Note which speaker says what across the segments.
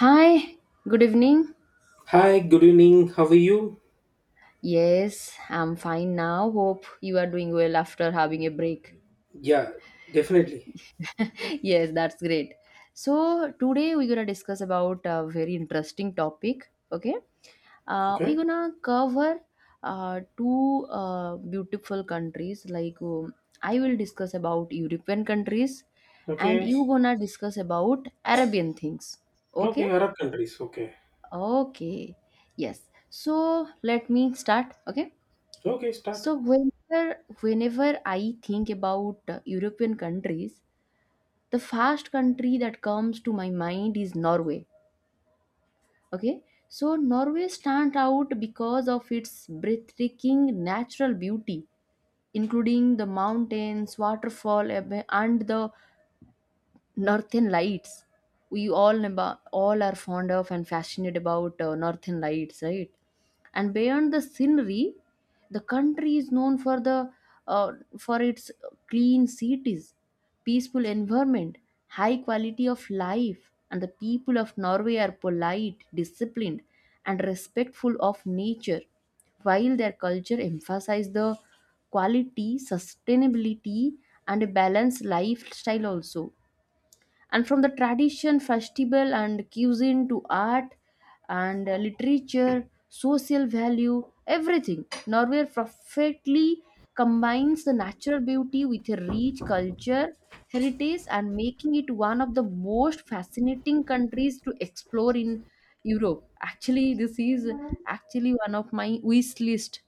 Speaker 1: Hi, good evening.
Speaker 2: Hi, good evening. How are you?
Speaker 1: Yes, I'm fine now. Hope you are doing well after having a break.
Speaker 2: Yeah, definitely.
Speaker 1: Yes, that's great. So, today we're going to discuss about a very interesting topic. Okay, we're
Speaker 2: Okay.
Speaker 1: going to cover two beautiful countries. Like, I will discuss about European countries, and
Speaker 2: Okay.
Speaker 1: you going to discuss about Arabian things. Okay,
Speaker 2: Okay, Arab countries. Okay.
Speaker 1: okay, yes. So, let me start. Okay.
Speaker 2: Okay, start.
Speaker 1: So whenever I think about European countries, the first country that comes to my mind is Norway. Okay, so Norway stands out because of its breathtaking natural beauty, including the mountains, waterfall, and the northern lights we all about, all are fond of and fascinated about northern lights, right? And beyond the scenery, the country is known for the uh, for its clean cities, peaceful environment, high quality of life, and the people of Norway are polite, disciplined, and respectful of nature, while their culture emphasizes the quality, sustainability, and a balanced lifestyle also. And from the tradition, festival, and cuisine to art and literature, social value, everything Norway perfectly combines the natural beauty with a rich culture heritage, and making it one of the most fascinating countries to explore in Europe. Actually, this is actually one of my wish list,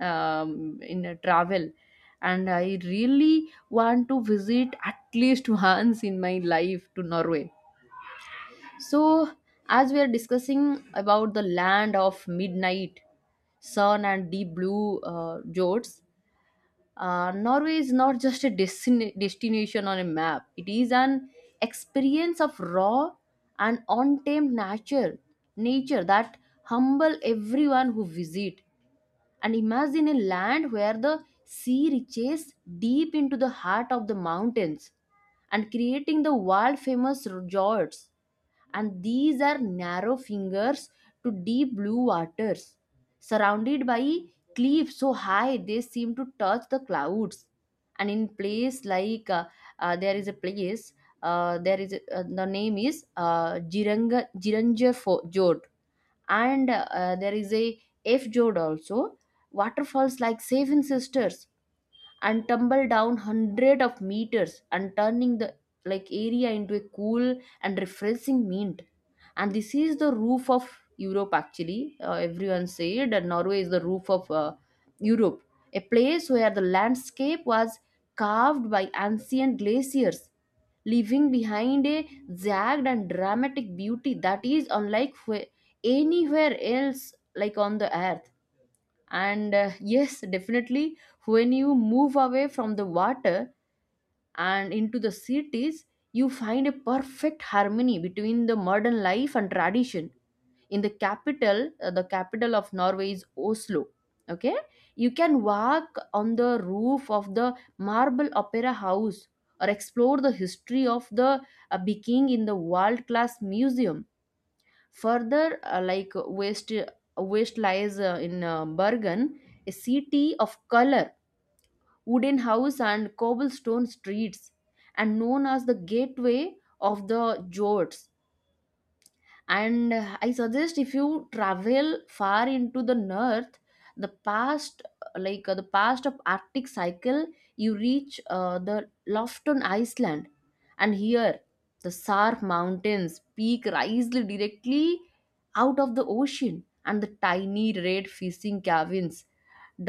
Speaker 1: in a travel, and I really want to visit at least once in my life to Norway. So as we are discussing about the land of midnight sun and deep blue jorts, Norway is not just a destination on a map. It is an experience of raw and untamed nature, nature that humble everyone who visit. And imagine a land where the sea reaches deep into the heart of the mountains and creating the world famous resorts, and these are narrow fingers to deep blue waters surrounded by cliffs so high they seem to touch the clouds. And in place like there is a place, there is the name is Jiranga, Jiranger Fo- Jot, and there is a f jod also. Waterfalls like seven sisters and tumble down hundred of meters and turning the like area into a cool and refreshing mint. And this is the roof of Europe. Actually, everyone said that Norway is the roof of Europe, a place where the landscape was carved by ancient glaciers, leaving behind a jagged and dramatic beauty that is unlike anywhere else like on the earth. And yes, definitely, when you move away from the water and into the cities, you find a perfect harmony between the modern life and tradition. In the capital, the capital of Norway is Oslo. Okay, you can walk on the roof of the marble opera house or explore the history of the Biking in the world class museum. Further, like west lies in Bergen, a city of color, wooden house and cobblestone streets, and known as the gateway of the Jorts. And I suggest if you travel far into the north, the past, like the past of Arctic cycle, you reach the Lofton Iceland. And here the sarp mountains peak rise directly out of the ocean, and the tiny red fishing cabins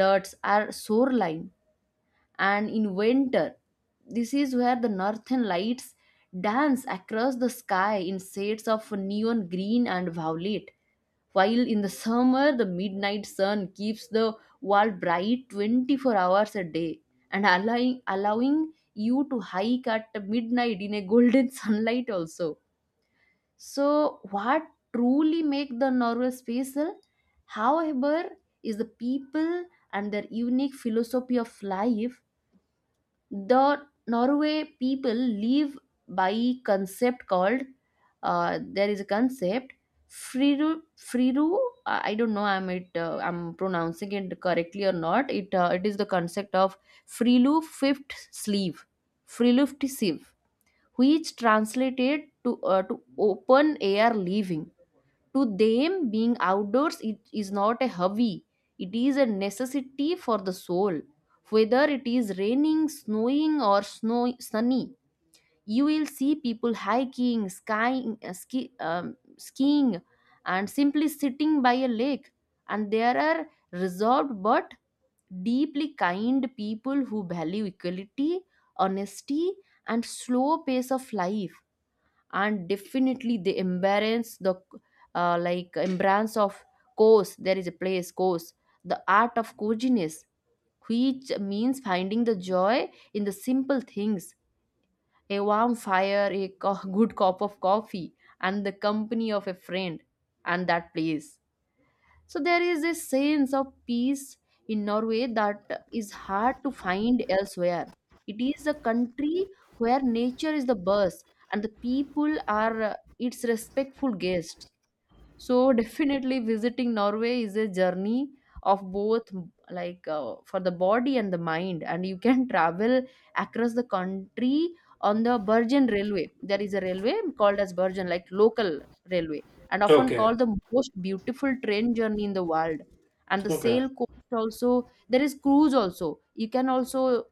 Speaker 1: dots are shoreline. And in winter, this is where the northern lights dance across the sky in shades of neon green and violet, while in the summer the midnight sun keeps the world bright 24 hours a day and allowing you to hike at midnight in a golden sunlight also. So what truly make the Norway special, however, is the people and their unique philosophy of life. The Norway people live by concept called, there is a concept, friru. I don't know I'm pronouncing it correctly or not. It it is the concept of frilu fifth sleeve friluft sieve, which translated to open air living. To them, being outdoors, it is not a hobby, it is a necessity for the soul. Whether it is raining, snowing, or snow, sunny, you will see people hiking, skying, skiing, and simply sitting by a lake. And there are reserved but deeply kind people who value equality, honesty, and slow pace of life. And definitely the embrace the like embrace of course, there is a place course, the art of coziness, which means finding the joy in the simple things, a warm fire, a good cup of coffee and the company of a friend. And that place, so there is a sense of peace in Norway that is hard to find elsewhere. It is a country where nature is the boss and the people are its respectful guests. So definitely visiting Norway is a journey of both, like for the body and the mind. And you can travel across the country on the Bergen railway. There is a railway called as Bergen, like local railway, and often
Speaker 2: Okay.
Speaker 1: called the most beautiful train journey in the world. And the
Speaker 2: Okay.
Speaker 1: sail coast also, there is cruise also, you can also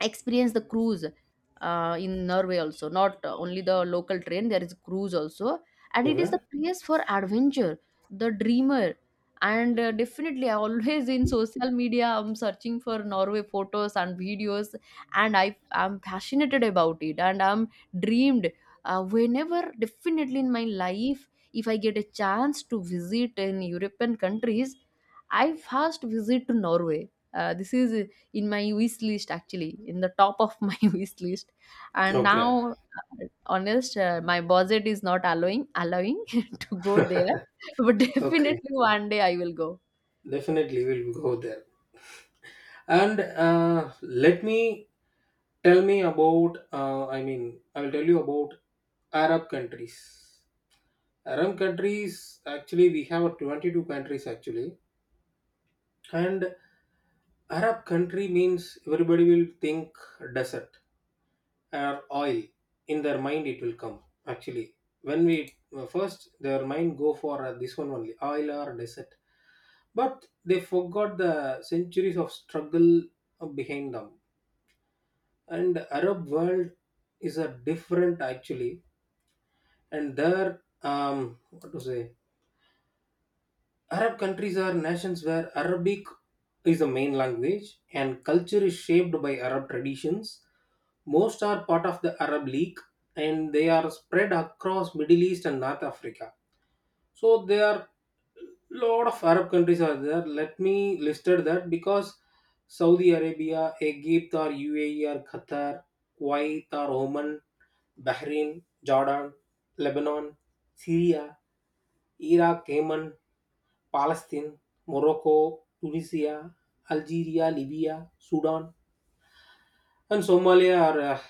Speaker 1: experience the cruise in Norway also. Not only the local train, there is cruise also, and it is the
Speaker 2: Okay.
Speaker 1: place for adventure, the dreamer. And definitely, I always in social media, I'm searching for Norway photos and videos, and I'm passionate about it, and I'm dreamed. Whenever, definitely in my life, if I get a chance to visit in European countries, I first visit to Norway. This is in my wish list, actually in the top of my wish list. And
Speaker 2: Okay.
Speaker 1: now honest, my budget is not allowing to go there. But
Speaker 2: Okay.
Speaker 1: definitely one day I will go.
Speaker 2: Definitely we'll go there. And let me tell me about I mean, I'll tell you about Arab countries. Arab countries actually we have a 22 countries actually. And Arab country means everybody will think desert. Or I, in their mind it will come actually when we first their mind go for this one only oil or desert, but they forgot the centuries of struggle behind them. And Arab world is a different actually. And their, what to say, Arab countries are nations where Arabic is the main language and culture is shaped by Arab traditions. Most are part of the Arab League and they are spread across Middle East and North Africa. So there are lot of Arab countries are there. Let me listed that because Saudi Arabia, Egypt or UAE or Qatar, Kuwait or Oman, Bahrain, Jordan, Lebanon, Syria, Iraq, Yemen, Palestine, Morocco, Tunisia, Algeria, Libya, Sudan, and Somalia are a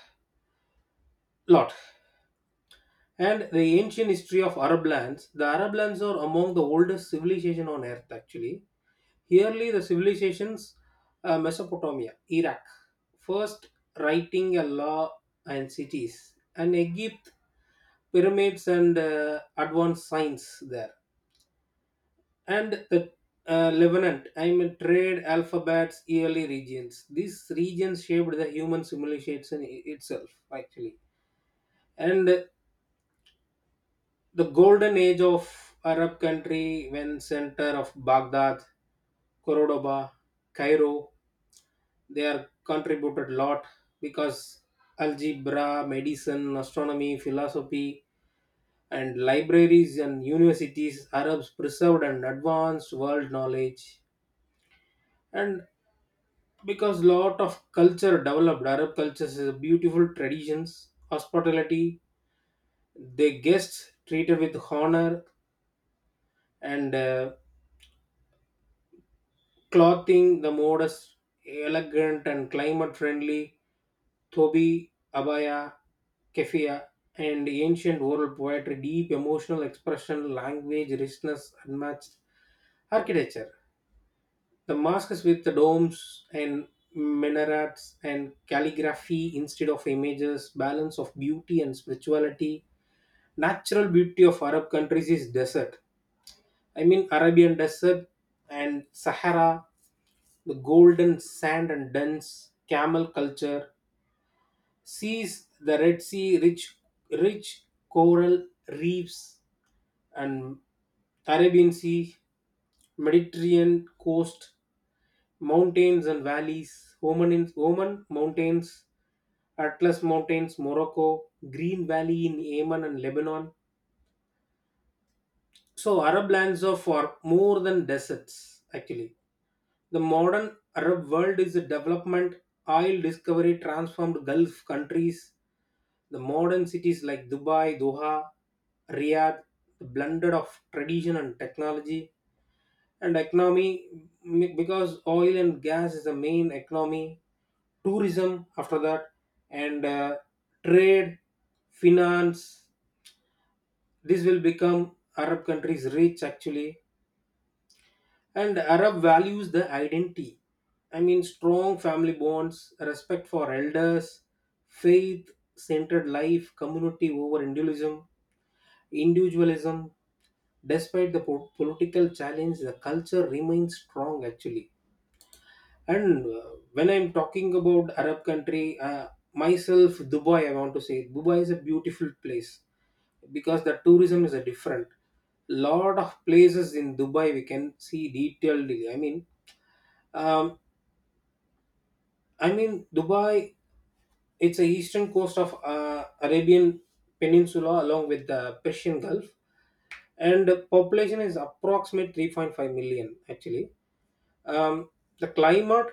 Speaker 2: lot. And the ancient history of Arab lands, the Arab lands are among the oldest civilization on earth actually. Yearly, the civilizations, Mesopotamia, Iraq, first writing a law and cities, and Egypt, pyramids and advanced science there, and the Lebanon, I mean trade, alphabets, yearly regions. These regions shaped the human civilization itself, actually. And the golden age of Arab country when center of Baghdad, Cordoba, Cairo, they are contributed a lot because algebra, medicine, astronomy, philosophy, and libraries and universities, Arabs preserved and advanced world knowledge. And because lot of culture developed, Arab cultures is a beautiful traditions hospitality, they guests treated with honor. And clothing the modest, elegant and climate friendly thobi, abaya, keffiyeh, and ancient oral poetry, deep emotional expression, language richness, unmatched architecture. The mosques with the domes and minarets and calligraphy instead of images, balance of beauty and spirituality. Natural beauty of Arab countries is desert. I mean Arabian desert and Sahara. The golden sand and dense camel culture sees the Red Sea, rich coral reefs, and Caribbean Sea, Mediterranean coast, mountains and valleys, Oman, Oman mountains, Atlas mountains, Morocco, Green Valley in Yemen and Lebanon. So Arab lands are for more than deserts actually. The modern Arab world is a development, oil discovery transformed Gulf countries. The modern cities like Dubai, Doha, Riyadh, the blended of tradition and technology and economy, because oil and gas is the main economy, tourism after that, and trade, finance. This will become Arab countries rich actually. And Arab values the identity. I mean, strong family bonds, respect for elders, faith centered life, community over individualism. Despite the political challenge, the culture remains strong actually. And when I'm talking about Arab country, myself, Dubai, I want to say Dubai is a beautiful place because the tourism is a different, lot of places in Dubai we can see detailed, I mean, um, I mean, Dubai, it's the eastern coast of Arabian Peninsula along with the Persian Gulf, and the population is approximate 3.5 million actually. Um, the climate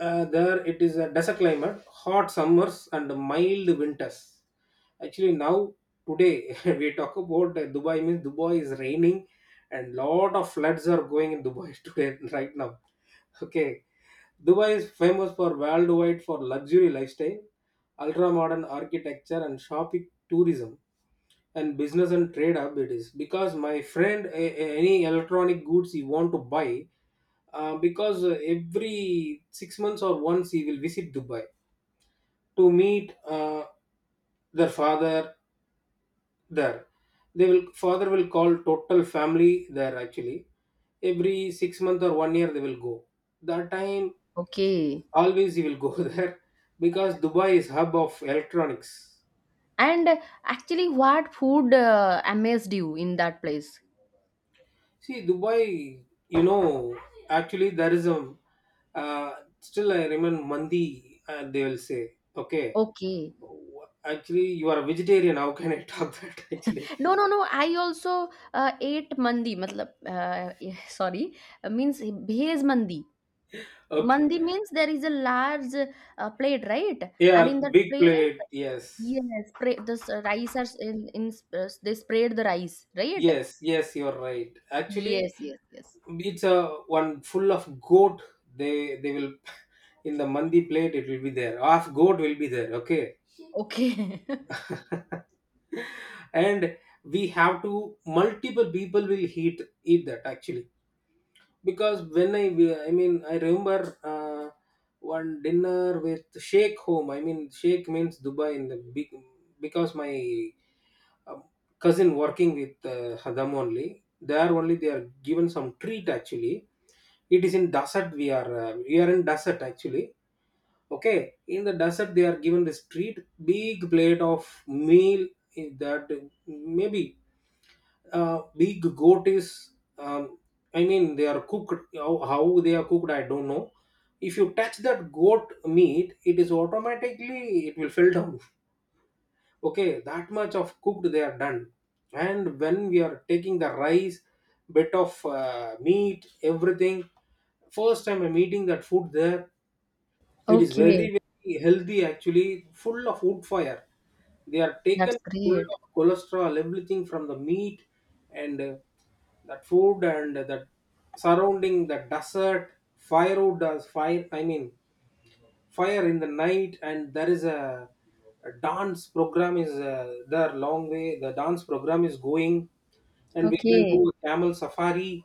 Speaker 2: there it is a desert climate, hot summers and mild winters. Actually, now today we talk about Dubai means Dubai is raining, and lot of floods are going in Dubai today right now. Okay, Dubai is famous for worldwide for luxury lifestyle, ultra-modern architecture and shopping tourism and business and trade hub, it is because my friend, any electronic goods he want to buy, because every 6 months or once he will visit Dubai to meet their father there, they will, father will call total family there actually. Every 6 months or 1 year they will go. That time
Speaker 1: Okay.
Speaker 2: always you will go there because Dubai is hub of electronics.
Speaker 1: And actually, what food amazed you in that place?
Speaker 2: See Dubai, you know, actually there is a uh, still I remember mandi. Uh, they will say okay.
Speaker 1: Okay,
Speaker 2: Actually you are a vegetarian, how can I talk that actually.
Speaker 1: no, no, no, I also ate mandi matlab sorry, means bhez mandi.
Speaker 2: Okay.
Speaker 1: Mandi means there is a large plate, right? And
Speaker 2: Yeah,
Speaker 1: in that
Speaker 2: big
Speaker 1: plate,
Speaker 2: plate. Yes.
Speaker 1: yes, spray this rice are they sprayed the rice, right?
Speaker 2: Yes, yes, you're right actually.
Speaker 1: Yes, yes, yes.
Speaker 2: It's a one full of goat, they will in the mandi plate it will be there, half goat will be there, okay.
Speaker 1: Okay.
Speaker 2: And we have to multiple people will eat that actually, because when I mean, I remember uh, one dinner with sheikh home, I mean sheikh means Dubai in the big, because my um, cousin working with Hadam only. There only they are given some treat actually. It is in desert, we are in desert actually. Okay, in the desert they are given this treat, big plate of meal, in that, maybe big goat is, um, I mean they are cooked, how they are cooked I don't know. If you touch that goat meat it is automatically, it will fall down. Okay, that much of cooked they are done, and when we are taking the rice, bit of meat, everything. First time I'm eating that food there, it is
Speaker 1: Okay,
Speaker 2: very, very healthy actually, full of wood fire. They are
Speaker 1: that's
Speaker 2: taken full
Speaker 1: great.
Speaker 2: of cholesterol, everything from the meat, and that food and that surrounding the desert, firewood does fire, I mean, fire in the night, and there is a dance program is there long way. The dance program is going, and we can
Speaker 1: Okay,
Speaker 2: do a camel safari,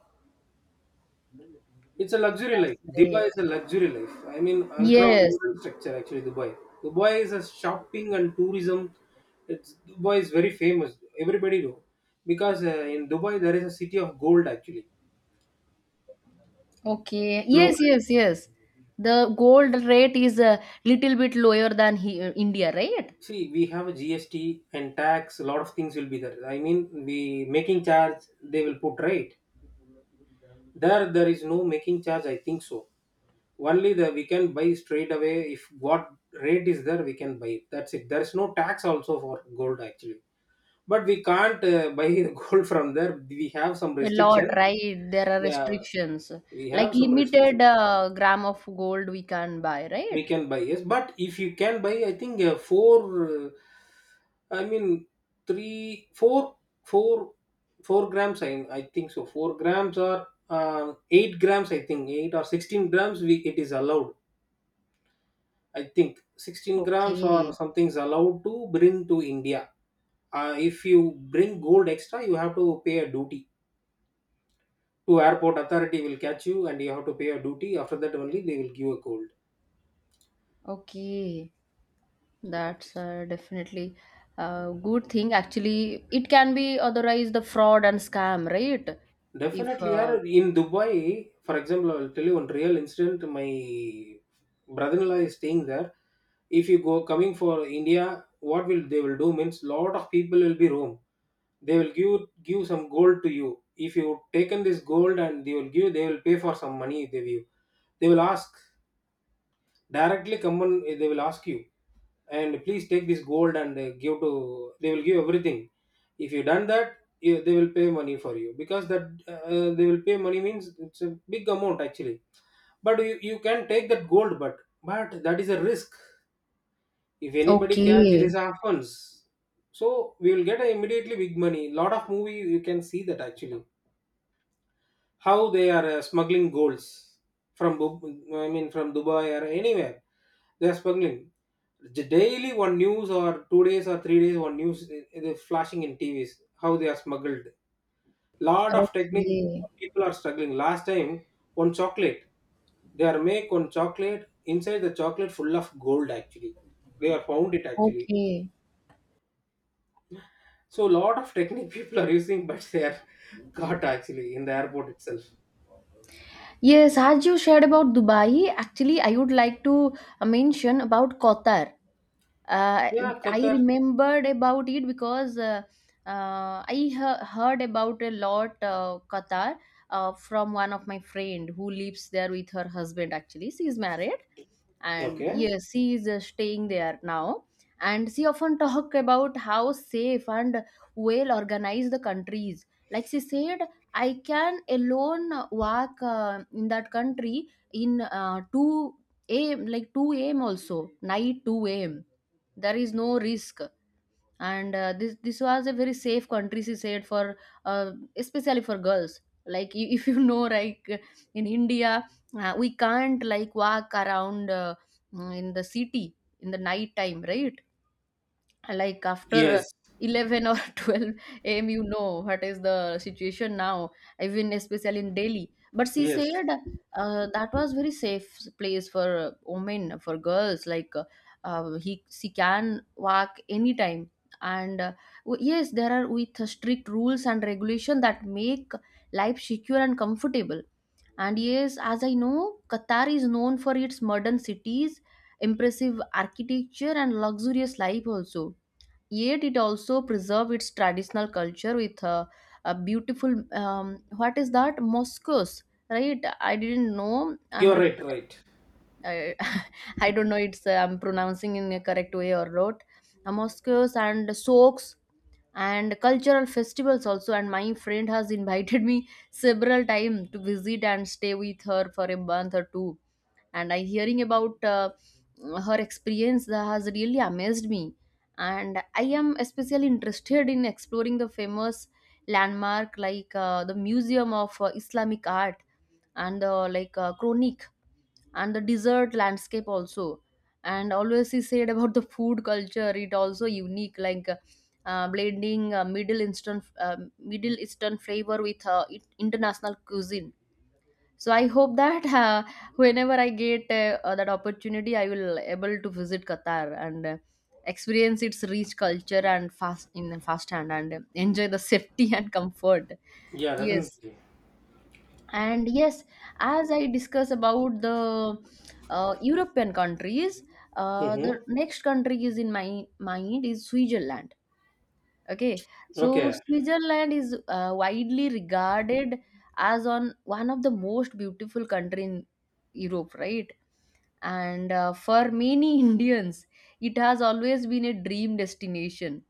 Speaker 2: it's a luxury
Speaker 1: that's
Speaker 2: life.
Speaker 1: great.
Speaker 2: Dubai is a luxury life. I mean, ultra
Speaker 1: Yes.
Speaker 2: modern structure actually, Dubai. Dubai is a shopping and tourism. It's Dubai is very famous. Everybody know because in Dubai there is a city of gold actually.
Speaker 1: Okay.
Speaker 2: Now,
Speaker 1: Yes, yes, yes. The gold rate is a little bit lower than he, India, right?
Speaker 2: see, we have a GST and tax. A lot of things will be there. I mean, the making charge they will put right there. There is no making charge, I think so. Only the we can buy straight away, if what rate is there we can buy it. That's it. There is no tax also for gold actually. But we can't buy gold from there. We have some
Speaker 1: A lot,
Speaker 2: restriction.
Speaker 1: right? There are
Speaker 2: Yeah,
Speaker 1: restrictions.
Speaker 2: we
Speaker 1: Like
Speaker 2: have some restriction.
Speaker 1: limited gram of gold we can buy,
Speaker 2: We
Speaker 1: right?
Speaker 2: can buy, yes, but if you can buy, I think four. Uh, I mean, three, four, 4 grams. I think so. 4 grams or 8 grams. I think 8 or 16 grams. We It is allowed. I think 16 grams or
Speaker 1: Okay.
Speaker 2: something is allowed to bring to India. If you bring gold extra, you have to pay a duty, to airport authority will catch you and you have to pay a duty, after that only they will give a gold.
Speaker 1: Okay. That's definitely a good thing. Actually, it can be otherwise the fraud and scam, right? If
Speaker 2: Definitely, yaar. In Dubai, for example, I'll tell you one real incident. My brother-in-law is staying there. If you go coming for India, what will they will do means, lot of people will be roam, they will give some gold to you. If you taken this gold and they will give, they will pay for some money, they give, they will ask directly, come on, they will ask you, and please take this gold and give to, they will give everything. If you done that, you, they will pay money for you because that they will pay money means it's a big amount actually, but you can take that gold, but that is a risk. If anybody catch, it
Speaker 1: okay,
Speaker 2: is a offense, so we will get a immediately big money, lot of movie you can see that actually how they are smuggling golds from, I mean from Dubai or anywhere they are smuggling. J- daily one news or 2 days or 3 days, one news, it is flashing in TVs how they are smuggled, lot of techniques
Speaker 1: okay,
Speaker 2: people are struggling last time, one chocolate, they are make one chocolate, inside the chocolate full of gold actually, they are found it actually.
Speaker 1: okay.
Speaker 2: So lot of technique people are using but they are caught actually in the airport itself.
Speaker 1: Yes, as you shared about Dubai, actually, I would like to mention about Qatar. uh,
Speaker 2: Yeah,
Speaker 1: I
Speaker 2: Qatar.
Speaker 1: remembered about it because I heard about a lot Qatar from one of my friend who lives there with her husband. Actually, she is married, and
Speaker 2: Okay.
Speaker 1: yes, she is staying there now. And she often talk about how safe and well organized the countries. Like she said, I can alone walk in that country in 2 a.m. like 2 a.m. also night 2 a.m. there is no risk. And this was a very safe country, she said, for uh, especially for girls, like if you know, like in India, we can't like walk around in the city in the night time, right? Like after
Speaker 2: Yes.
Speaker 1: 11 or 12 a.m., you know what is the situation now, even especially in Delhi. But she
Speaker 2: Yes,
Speaker 1: said that was very safe place for women, for girls, like he she can walk anytime. And yes, there are with strict rules and regulation that make life secure and comfortable. And yes, as I know, Qatar is known for its modern cities, impressive architecture, and luxurious life also, yet it also preserve its traditional culture with a beautiful what is that mosques, right? I didn't know I'm
Speaker 2: you're right, right.
Speaker 1: I, I don't know it's I'm pronouncing in a correct way or not. A mosques and soaks and cultural festivals also. And my friend has invited me several times to visit and stay with her for a month or two. And I hearing about her experience that has really amazed me. And I am especially interested in exploring the famous landmark like the museum of Islamic art, and the like chronic, and the desert landscape also. And always he said about the food culture it also unique, like blending middle eastern flavor with international cuisine. So I hope that whenever I get that opportunity, I will able to visit Qatar and experience its rich culture and fast in fast hand and enjoy the safety and comfort.
Speaker 2: Yeah,
Speaker 1: Yes,
Speaker 2: definitely.
Speaker 1: and yes, as I discuss about the European countries, the
Speaker 2: Mm-hmm.
Speaker 1: next country is in my mind is Switzerland. Okay, so
Speaker 2: Okay,
Speaker 1: Switzerland is widely regarded as on one of the most beautiful country in Europe, right? And for many Indians, it has always been a dream destination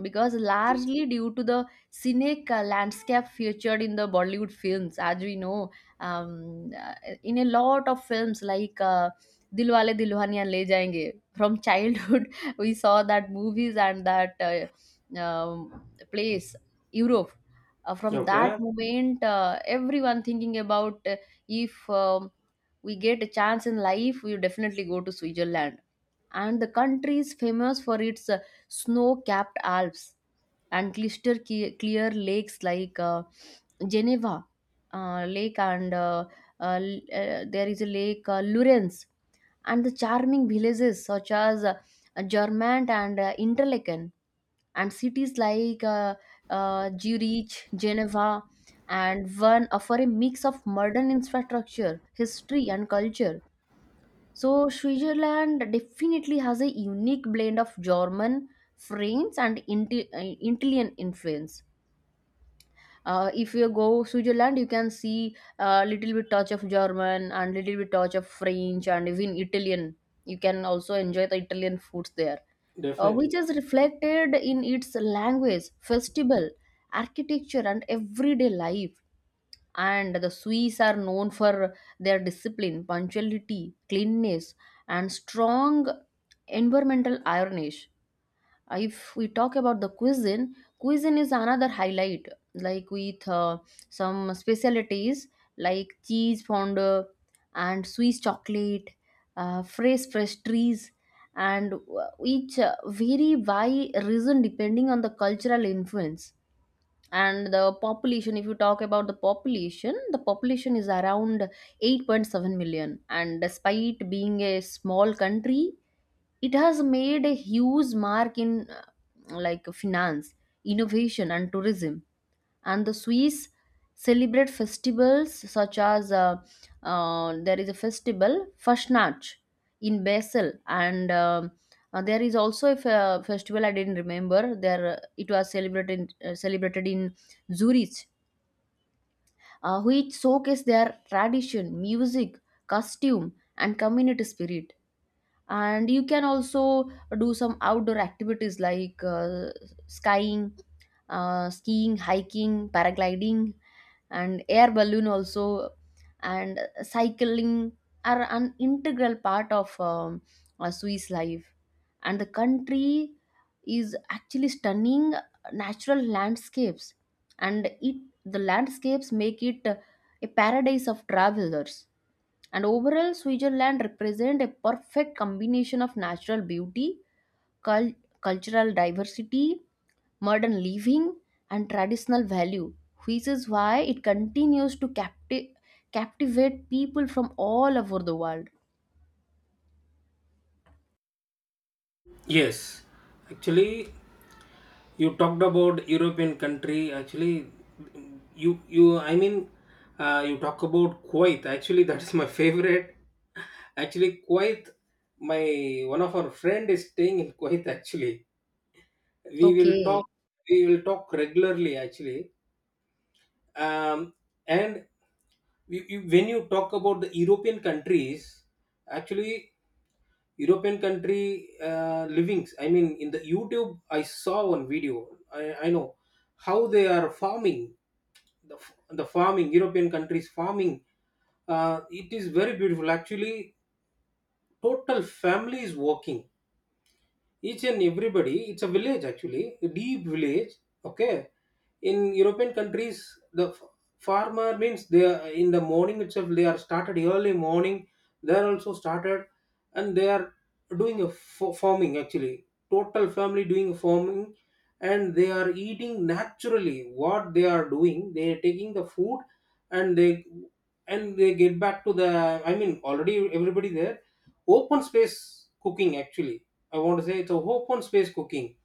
Speaker 1: because largely due to the scenic landscape featured in the Bollywood films, as we know, um, uh, in a lot of films like Dilwale Dilhaniya Le Jayenge. From childhood, we saw that movies and that place, Europe. From that
Speaker 2: okay,
Speaker 1: moment, everyone thinking about if we get a chance in life, we will definitely go to Switzerland, and the country is famous for its snow-capped Alps, and clear lakes like Geneva Lake, and there is a lake Lurens, and the charming villages such as Germant and Interlaken, and cities like Zurich, Geneva, and one offer a mix of modern infrastructure, history and culture. So Switzerland definitely has a unique blend of German, French, and Italian influence. If you go Switzerland, you can see a little bit touch of German and little bit touch of French and even Italian. You can also enjoy the Italian foods there, which
Speaker 2: definitely.
Speaker 1: is reflected in its language, festival, architecture, and everyday life. And the Swiss are known for their discipline, punctuality, cleanness, and strong environmental awareness. If we talk about the cuisine, cuisine is another highlight, like with some specialties like cheese fondue and Swiss chocolate, fresh pastries, and which vary by region depending on the cultural influence. And the population, if you talk about the population, the population is around 8.7 million, and despite being a small country, it has made a huge mark in like finance, innovation and tourism. And the Swiss celebrate festivals such as there is a festival Fastnacht in Basel, and there is also a festival I didn't remember there, it was celebrated, celebrated in Zurich, which showcase their tradition music, costume and community spirit. And you can also do some outdoor activities like skying, skiing, hiking, paragliding, and air balloon also, and cycling are an integral part of Swiss life. And the country is actually stunning natural landscapes, and it the landscapes make it a paradise of travelers. And overall, Switzerland represents a perfect combination of natural beauty, cul- cultural diversity, modern living, and traditional value, which is why it continues to captivate people from all over the world.
Speaker 2: Yes, actually, you talked about European country. Actually, you I mean, you talk about Kuwait. Actually, that is my favorite. Actually, Kuwait. My one of our friend is staying in Kuwait. Actually, we will talk.
Speaker 1: Okay,
Speaker 2: We will talk regularly. Actually, um, and when you talk about the European countries, actually European country livings, I mean, in the YouTube I saw one video, I know how they are farming, the farming European countries farming, it is very beautiful actually. Total family is working each and everybody, it's a village actually, a deep village. Okay. In European countries, the farmer means, they are in the morning itself they are started early morning, they are also started, and they are doing a farming actually, total family doing farming. And they are eating naturally what they are doing, they are taking the food, and they and they get back to the, I mean, already everybody there, open space cooking actually. I want to say it's a open space cooking.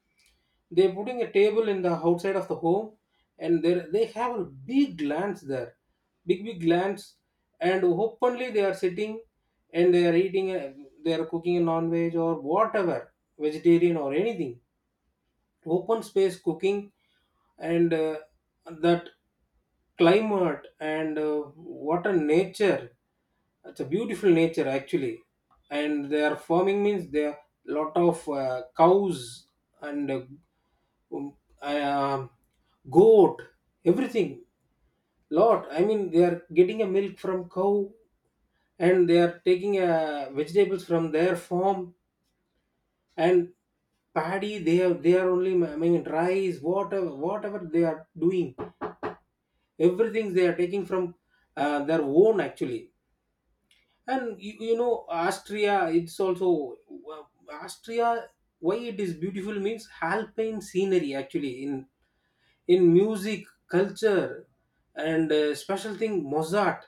Speaker 2: They're putting a table in the outside of the home, and there they have a big lands there, big lands, and openly they are sitting, and they are eating, they are cooking a non-veg or whatever, vegetarian or anything. Open space cooking, and that climate and what a nature, it's a beautiful nature actually, and they are farming means there are lot of cows and um, uh, goat, everything. Lot. I mean, they are getting a milk from cow, and they are taking vegetables from their farm and paddy. They have they are only, I mean, rice, whatever they are doing, everything they are taking from their own actually. And you know Austria, it's also uh, Austria, why it is beautiful means alpine scenery actually, in music culture, and special thing Mozart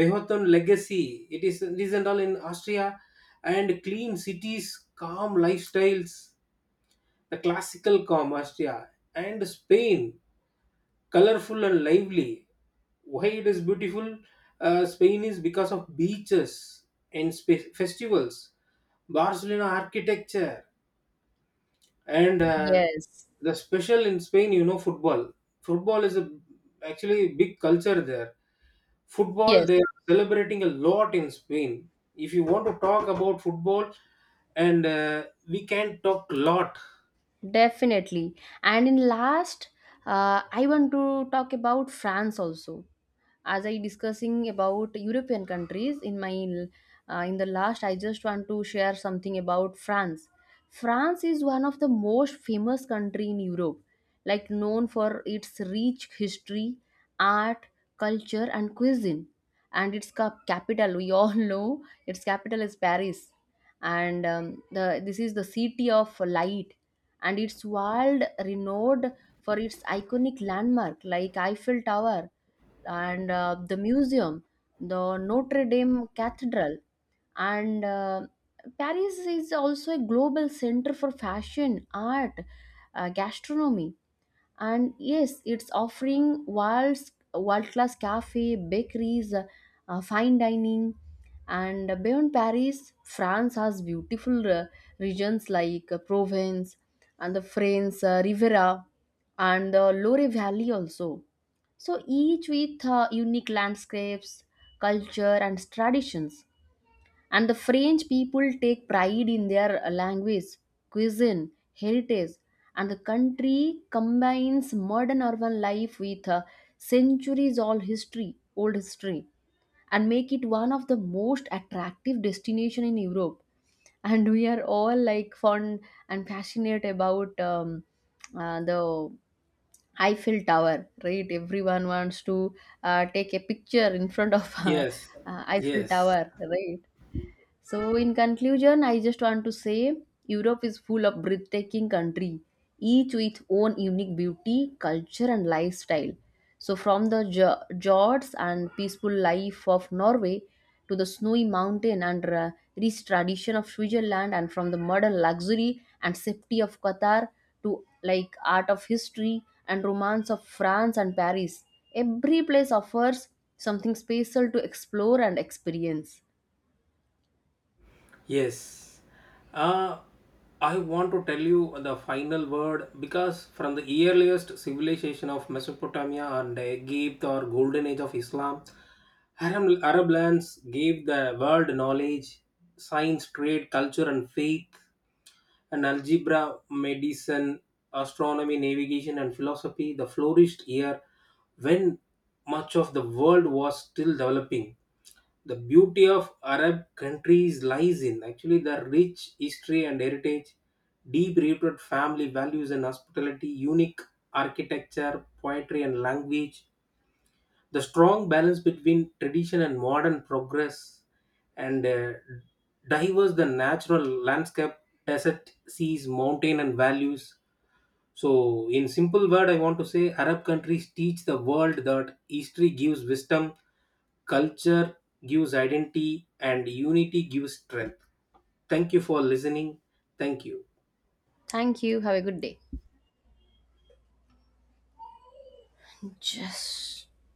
Speaker 2: Beethoven legacy it is this and all in Austria, and clean cities calm lifestyles, the classical calm Austria, and Spain, colorful and lively. Why it is beautiful? Spain is because of beaches and festivals, Barcelona architecture, and
Speaker 1: yes,
Speaker 2: the special in Spain. You know, football. Football is a actually big culture there. Football
Speaker 1: yes.
Speaker 2: they are celebrating a lot in Spain. If you want to talk about football, and we can talk lot.
Speaker 1: Definitely. And in last, I want to talk about France also. As I discussing about European countries in my in the last, I just want to share something about France. France is one of the most famous country in Europe, like known for its rich history, art, culture, and cuisine. And its capital, we all know, its capital is Paris, and the this is the city of light, and it's world renowned for its iconic landmark like Eiffel Tower and the museum, the Notre Dame Cathedral, and Paris is also a global center for fashion, art, gastronomy, and yes it's offering world class cafe bakeries, fine dining. And beyond Paris, France has beautiful regions like Provence and the French Riviera and the Loire Valley also, so each with unique landscapes, culture and traditions. And the French people take pride in their language, cuisine, heritage, and the country combines modern urban life with centuries old old history, and make it one of the most attractive destination in Europe. And we are all like fond and passionate about the Eiffel Tower, right? Everyone wants to take a picture in front of
Speaker 2: Yes,
Speaker 1: Eiffel
Speaker 2: yes.
Speaker 1: Tower, right? So, in conclusion, I just want to say Europe is full of breathtaking country, each with own unique beauty, culture, and lifestyle. So, from the fjords and peaceful life of Norway to the snowy mountain and rich tradition of Switzerland, and from the modern luxury and safety of Qatar to like art of history and romance of France and Paris, every place offers something special to explore and experience.
Speaker 2: Yes. Uh, I want to tell you the final word because from the earliest civilization of Mesopotamia and Egypt or golden age of Islam, Arab lands gave the world knowledge, science, trade, culture, and faith, and algebra, medicine, astronomy, navigation, and philosophy. The flourished year when much of the world was still developing, the beauty of Arab countries lies in actually the rich history and heritage, deep rooted family values and hospitality, unique architecture, poetry, and language, the strong balance between tradition and modern progress, and diverse the natural landscape, desert, seas, mountain, and values. So, in simple word, I want to say Arab countries teach the world that history gives wisdom. Culture gives identity, and unity gives strength. Thank you for listening. Thank you.
Speaker 1: Thank you. Have a good day. Just.